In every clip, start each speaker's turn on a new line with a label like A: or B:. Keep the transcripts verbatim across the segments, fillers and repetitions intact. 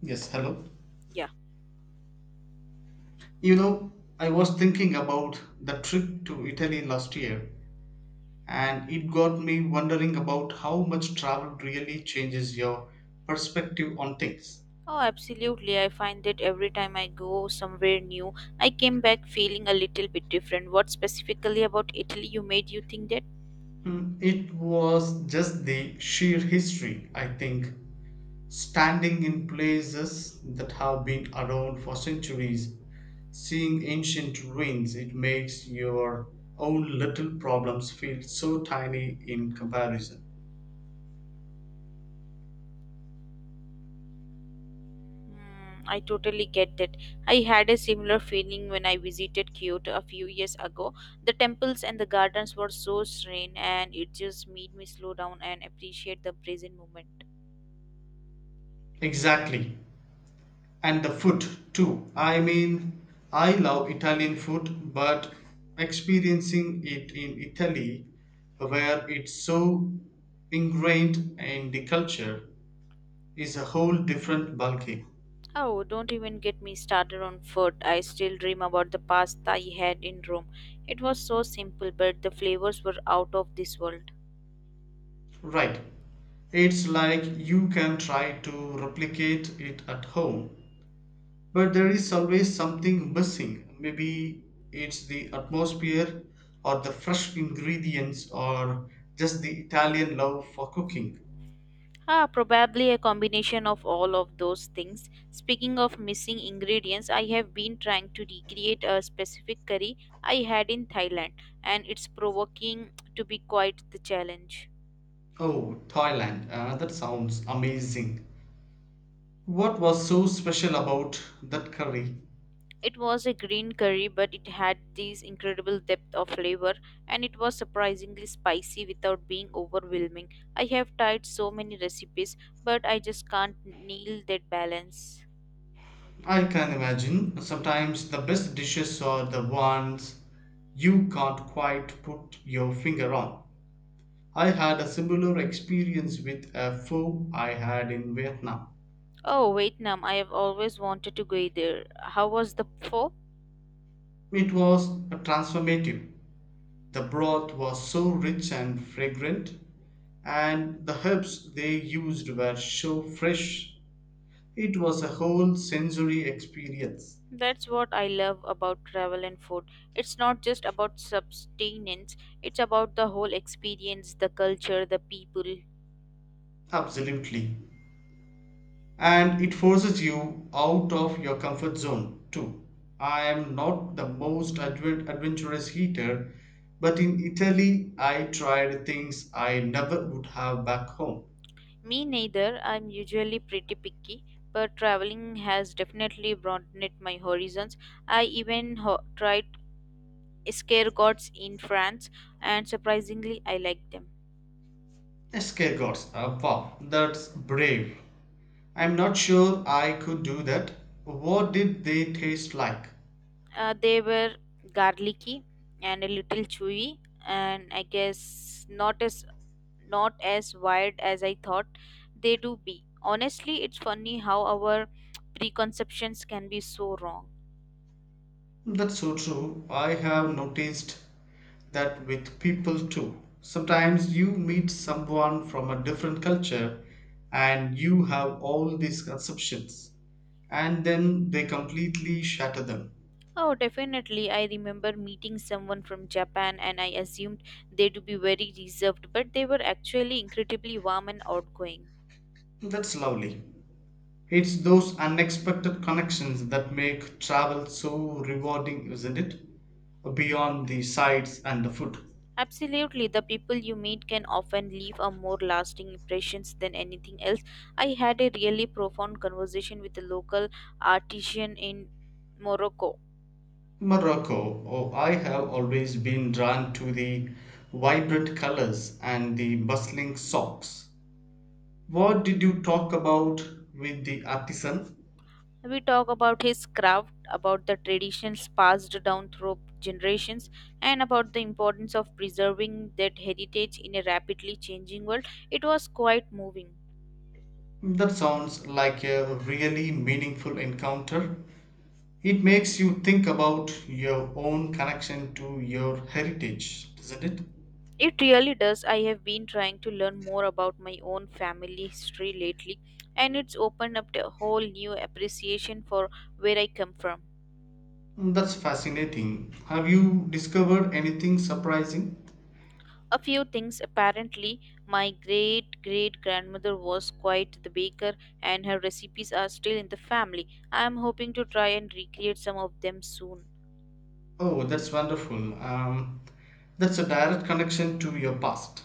A: Yes, hello.
B: Yeah.
A: You know, I was thinking about the trip to Italy last year, and it got me wondering about how much travel really changes your perspective on things.
B: Oh, absolutely. I find that every time I go somewhere new, I came back feeling a little bit different. What specifically about Italy you made you think that?
A: Hmm, It was just the sheer history, I think. Standing in places that have been around for centuries, seeing ancient ruins, it makes your own little problems feel so tiny in comparison.
B: Hmm, I totally get that. I had a similar feeling when I visited Kyoto a few years ago. The temples and the gardens were so serene, and it just made me slow down and appreciate the present moment.
A: Exactly. And the food too. I mean, I love Italian food, but experiencing it in Italy, where it's so ingrained in the culture, is a whole different ballgame.
B: Oh, don't even get me started on food. I still dream about the pasta I had in Rome. It was so simple, but the flavors were out of this world.
A: Right. It's like you can try to replicate it at home, but there is always something missing. Maybe it's the atmosphere, or the fresh ingredients, or just the Italian love for cooking.
B: Ah, probably a combination of all of those things. Speaking of missing ingredients, I have been trying to recreate a specific curry I had in Thailand, and it's provoking to be quite the challenge.
A: Oh, Thailand. Uh, that sounds amazing. What was so special about that curry?
B: It was a green curry, but it had this incredible depth of flavor, and it was surprisingly spicy without being overwhelming. I have tried so many recipes, but I just can't nail that balance.
A: I can imagine. Sometimes the best dishes are the ones you can't quite put your finger on. I had a similar experience with a pho I had in Vietnam.
B: Oh, Vietnam, I have always wanted to go there. How was the pho?
A: It was transformative. The broth was so rich and fragrant, and the herbs they used were so fresh. It was a whole sensory experience.
B: That's what I love about travel and food. It's not just about sustenance. It's about the whole experience, the culture, the people.
A: Absolutely. And it forces you out of your comfort zone, too. I am not the most advent- adventurous eater, but in Italy I tried things I never would have back home.
B: Me neither, I'm usually pretty picky, but traveling has definitely broadened my horizons. I even ho- tried escargots in France, and surprisingly, I liked them.
A: Escargots, uh, wow, that's brave. I'm not sure I could do that. What did they taste like?
B: Uh, they were garlicky and a little chewy, and I guess not as not as wired as I thought they do be. Honestly, it's funny how our preconceptions can be so wrong.
A: That's so true. I have noticed that with people too. Sometimes you meet someone from a different culture and you have all these conceptions, and then they completely shatter them.
B: Oh, definitely. I remember meeting someone from Japan and I assumed they to be very reserved, but they were actually incredibly warm and outgoing.
A: That's lovely. It's those unexpected connections that make travel so rewarding, isn't it? Beyond the sights and the food.
B: Absolutely, the people you meet can often leave a more lasting impressions than anything else. I had a really profound conversation with a local artisan in Morocco.
A: Morocco. Oh, I have always been drawn to the vibrant colors and the bustling shops. What did you talk about with the artisan?
B: We talk about his craft, about the traditions passed down through generations, and about the importance of preserving that heritage in a rapidly changing world. It was quite moving.
A: That sounds like a really meaningful encounter. It makes you think about your own connection to your heritage, doesn't it?
B: It really does. I have been trying to learn more about my own family history lately, and it's opened up a whole new appreciation for where I come from.
A: That's fascinating. Have you discovered anything surprising?
B: A few things apparently, my great great grandmother was quite the baker, and her recipes are still in the family. I am hoping to try and recreate some of them soon.
A: Oh, that's wonderful. Um, that's a direct connection to your past.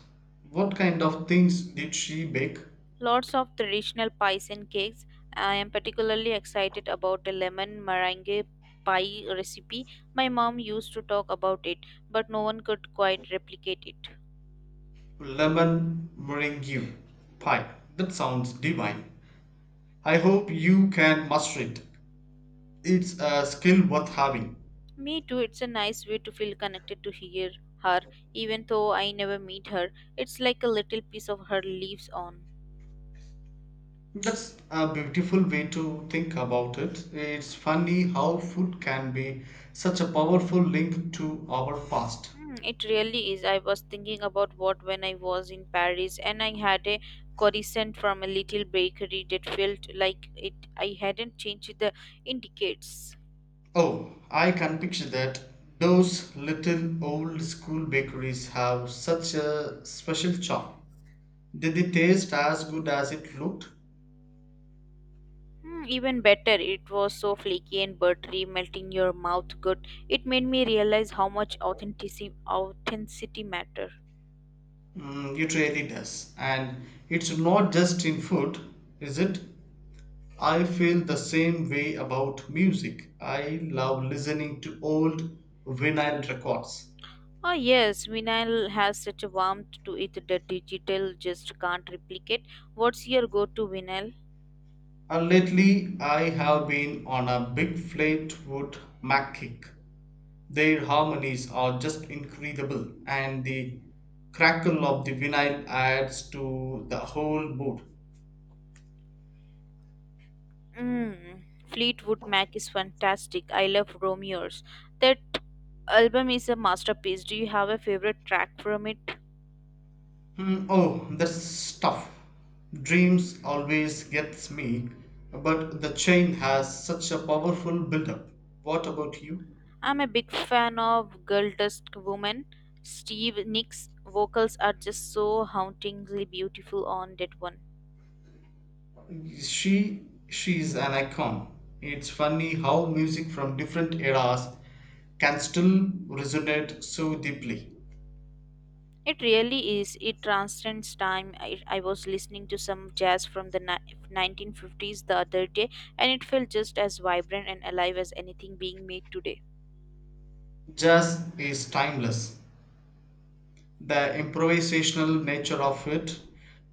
A: What kind of things did she bake?
B: Lots of traditional pies and cakes. I am particularly excited about a lemon meringue pie recipe. My mom used to talk about it, but no one could quite replicate it.
A: Lemon meringue pie. That sounds divine. I hope you can master it. It's a skill worth having.
B: Me too, it's a nice way to feel connected to hear her, even though I never meet her. It's like a little piece of her lives on.
A: That's a beautiful way to think about it. It's funny how food can be such a powerful link to our past.
B: Hmm, it really is. I was thinking about what when I was in Paris and I had a croissant from a little bakery that felt like it I hadn't changed the indicates.
A: Oh, I can picture that. Those little old school bakeries have such a special charm. Did it taste as good as it looked?
B: Hmm, even better, it was so flaky and buttery, melting your mouth good. It made me realize how much authenticity authenticity matter.
A: Mm, it really does. And it's not just in food, is it? I feel the same way about music. I love listening to old vinyl records.
B: Ah yes, vinyl has such a warmth to it that digital just can't replicate. What's your go-to vinyl?
A: And lately, I have been on a big Fleetwood Mac kick. Their harmonies are just incredible, and the crackle of the vinyl adds to the whole mood.
B: Mm, Fleetwood Mac is fantastic. I love Romeo's. That album is a masterpiece. Do you have a favorite track from it?
A: Hmm, oh, that's tough. Dreams always gets me, but the chain has such a powerful build-up. What about you?
B: I'm a big fan of Girl Dust Woman. Steve Nick's vocals are just so hauntingly beautiful on that one.
A: She she's an icon. It's funny how music from different eras can still resonate so deeply.
B: It really is. It transcends time. I, I was listening to some jazz from the ni- nineteen fifties the other day, and it felt just as vibrant and alive as anything being made today.
A: Jazz is timeless. The improvisational nature of it,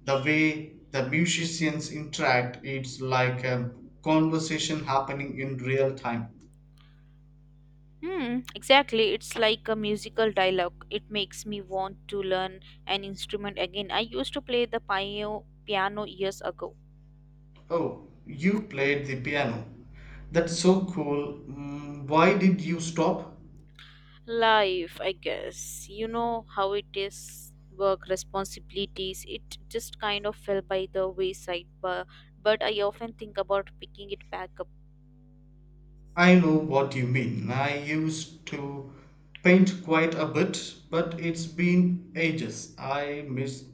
A: the way the musicians interact, it's like a conversation happening in real time.
B: Hmm, exactly. It's like a musical dialogue. It makes me want to learn an instrument again. I used to play the piano piano years ago.
A: Oh, you played the piano. That's so cool. Mm, why did you stop?
B: Life, I guess. You know how it is. Work responsibilities. It just kind of fell by the wayside. But but I often think about picking it back up.
A: I know what you mean. I used to paint quite a bit, but it's been ages. I miss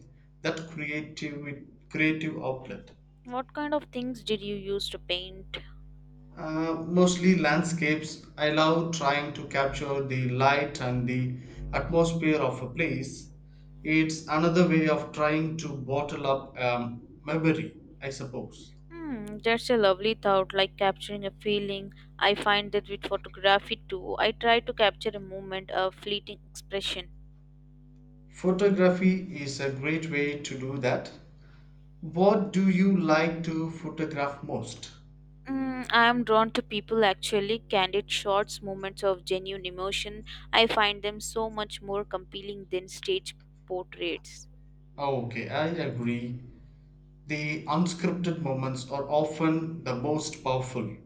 A: that creative creative outlet.
B: What kind of things did you use to paint?
A: Uh, mostly landscapes. I love trying to capture the light and the atmosphere of a place. It's another way of trying to bottle up um, memory, I suppose.
B: Hmm, that's a lovely thought, like capturing a feeling. I find that with photography too. I try to capture a moment, a fleeting expression.
A: Photography is a great way to do that. What do you like to photograph most?
B: Mm, I am drawn to people actually, candid shots, moments of genuine emotion. I find them so much more compelling than stage portraits.
A: Oh, okay, I agree. The unscripted moments are often the most powerful.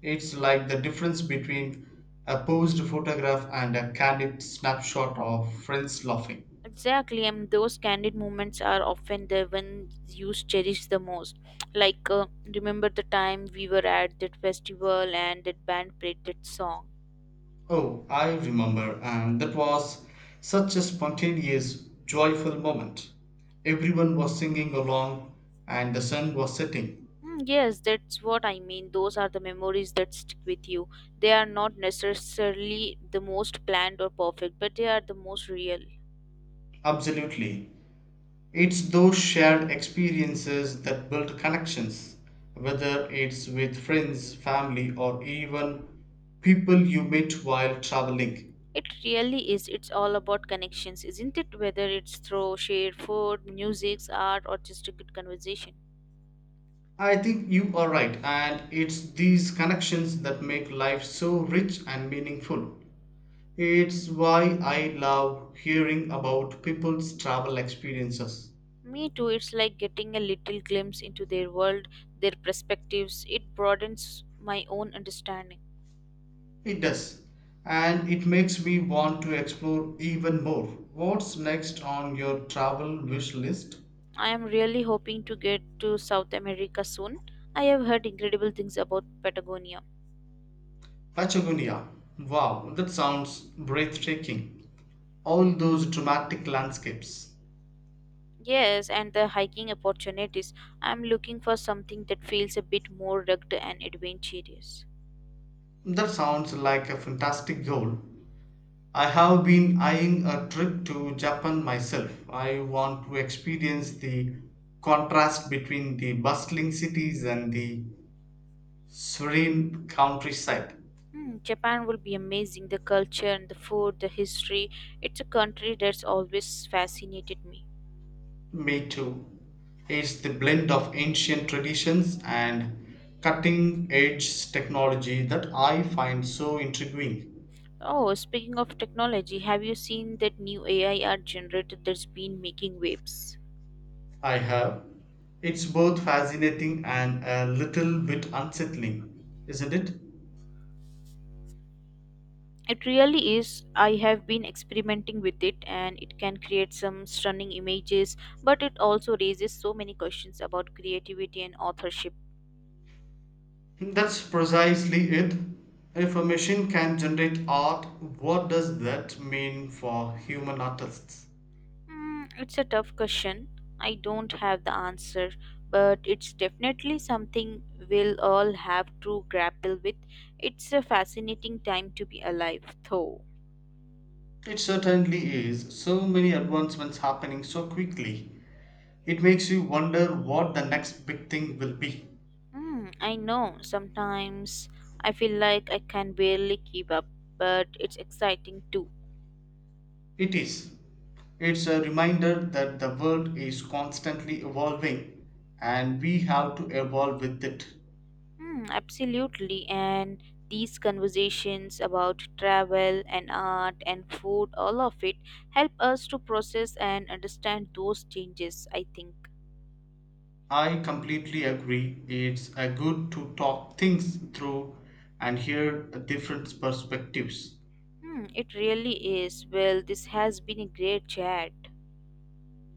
A: It's like the difference between a posed photograph and a candid snapshot of friends laughing.
B: Exactly, and those candid moments are often the ones you cherish the most. Like, uh, remember the time we were at that festival and that band played that song.
A: Oh, I remember, and that was such a spontaneous, joyful moment. Everyone was singing along, and the sun was setting.
B: Mm, yes, that's what I mean. Those are the memories that stick with you. They are not necessarily the most planned or perfect, but they are the most real.
A: Absolutely. It's those shared experiences that build connections, whether it's with friends, family, or even people you meet while traveling.
B: It really is. It's all about connections, isn't it? Whether it's through shared food, music, art, or just a good conversation.
A: I think you are right, and it's these connections that make life so rich and meaningful. It's why I love hearing about people's travel experiences.
B: Me too. It's like getting a little glimpse into their world, their perspectives. It broadens my own understanding.
A: It does, and it makes me want to explore even more. What's next on your travel wish list?
B: I am really hoping to get to South America soon. I have heard incredible things about Patagonia.
A: Patagonia. Wow, that sounds breathtaking. All those dramatic landscapes.
B: Yes, and the hiking opportunities. I'm looking for something that feels a bit more rugged and adventurous.
A: That sounds like a fantastic goal. I have been eyeing a trip to Japan myself. I want to experience the contrast between the bustling cities and the serene countryside.
B: Hmm, Japan will be amazing. The culture and the food, the history. It's a country that's always fascinated me.
A: Me too. It's the blend of ancient traditions and cutting edge technology that I find so intriguing.
B: Oh, speaking of technology, have you seen that new A I art generator that's been making waves?
A: I have. It's both fascinating and a little bit unsettling, isn't it?
B: It really is. I have been experimenting with it and it can create some stunning images, but it also raises so many questions about creativity and authorship.
A: That's precisely it. If a machine can generate art, what does that mean for human artists?
B: Mm, it's a tough question. I don't have the answer, but it's definitely something we'll all have to grapple with. It's a fascinating time to be alive, though.
A: It certainly is. So many advancements happening so quickly. It makes you wonder what the next big thing will be.
B: Mm, I know sometimes I feel like I can barely keep up, but it's exciting too.
A: It is. It's a reminder that the world is constantly evolving and we have to evolve with it.
B: Mm, absolutely, and these conversations about travel and art and food, all of it, help us to process and understand those changes, I think.
A: I completely agree. It's a good to talk things through and hear different perspectives.
B: Hmm, it really is. Well, this has been a great chat.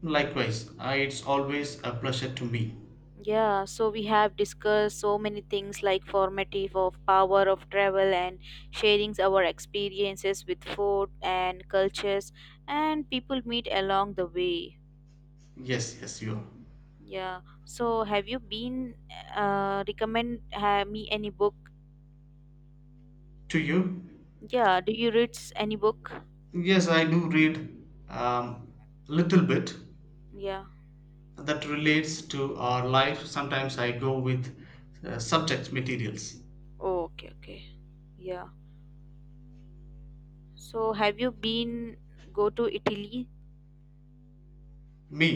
A: Likewise, I, it's always a pleasure to me.
B: Yeah, so we have discussed so many things like formative of power of travel and sharing our experiences with food and cultures and people meet along the way.
A: Yes, yes, you.
B: Yeah. So have you been uh, recommend uh, me any book?
A: To you?
B: Yeah. Do you read s- any book?
A: Yes, I do read um, little bit
B: Yeah.
A: that relates to our life. Sometimes I go with uh, subject materials.
B: Oh, okay. Okay. Yeah. So have you been go to Italy?
A: Me?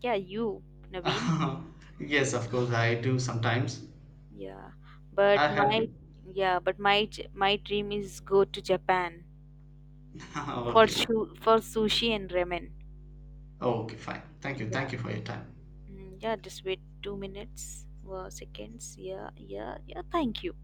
B: Yeah. You, Naveen.
A: Yes, of course, I do sometimes.
B: Yeah,
A: I
B: but
A: had
B: my
A: been.
B: yeah, but my j- my dream is go to Japan for
A: Okay.
B: shu for sushi and ramen.
A: Okay, fine. Thank you.
B: Yeah,
A: Thank you for your time.
B: mm, yeah. Just wait two minutes, uh, seconds. Yeah, yeah, yeah. Thank you.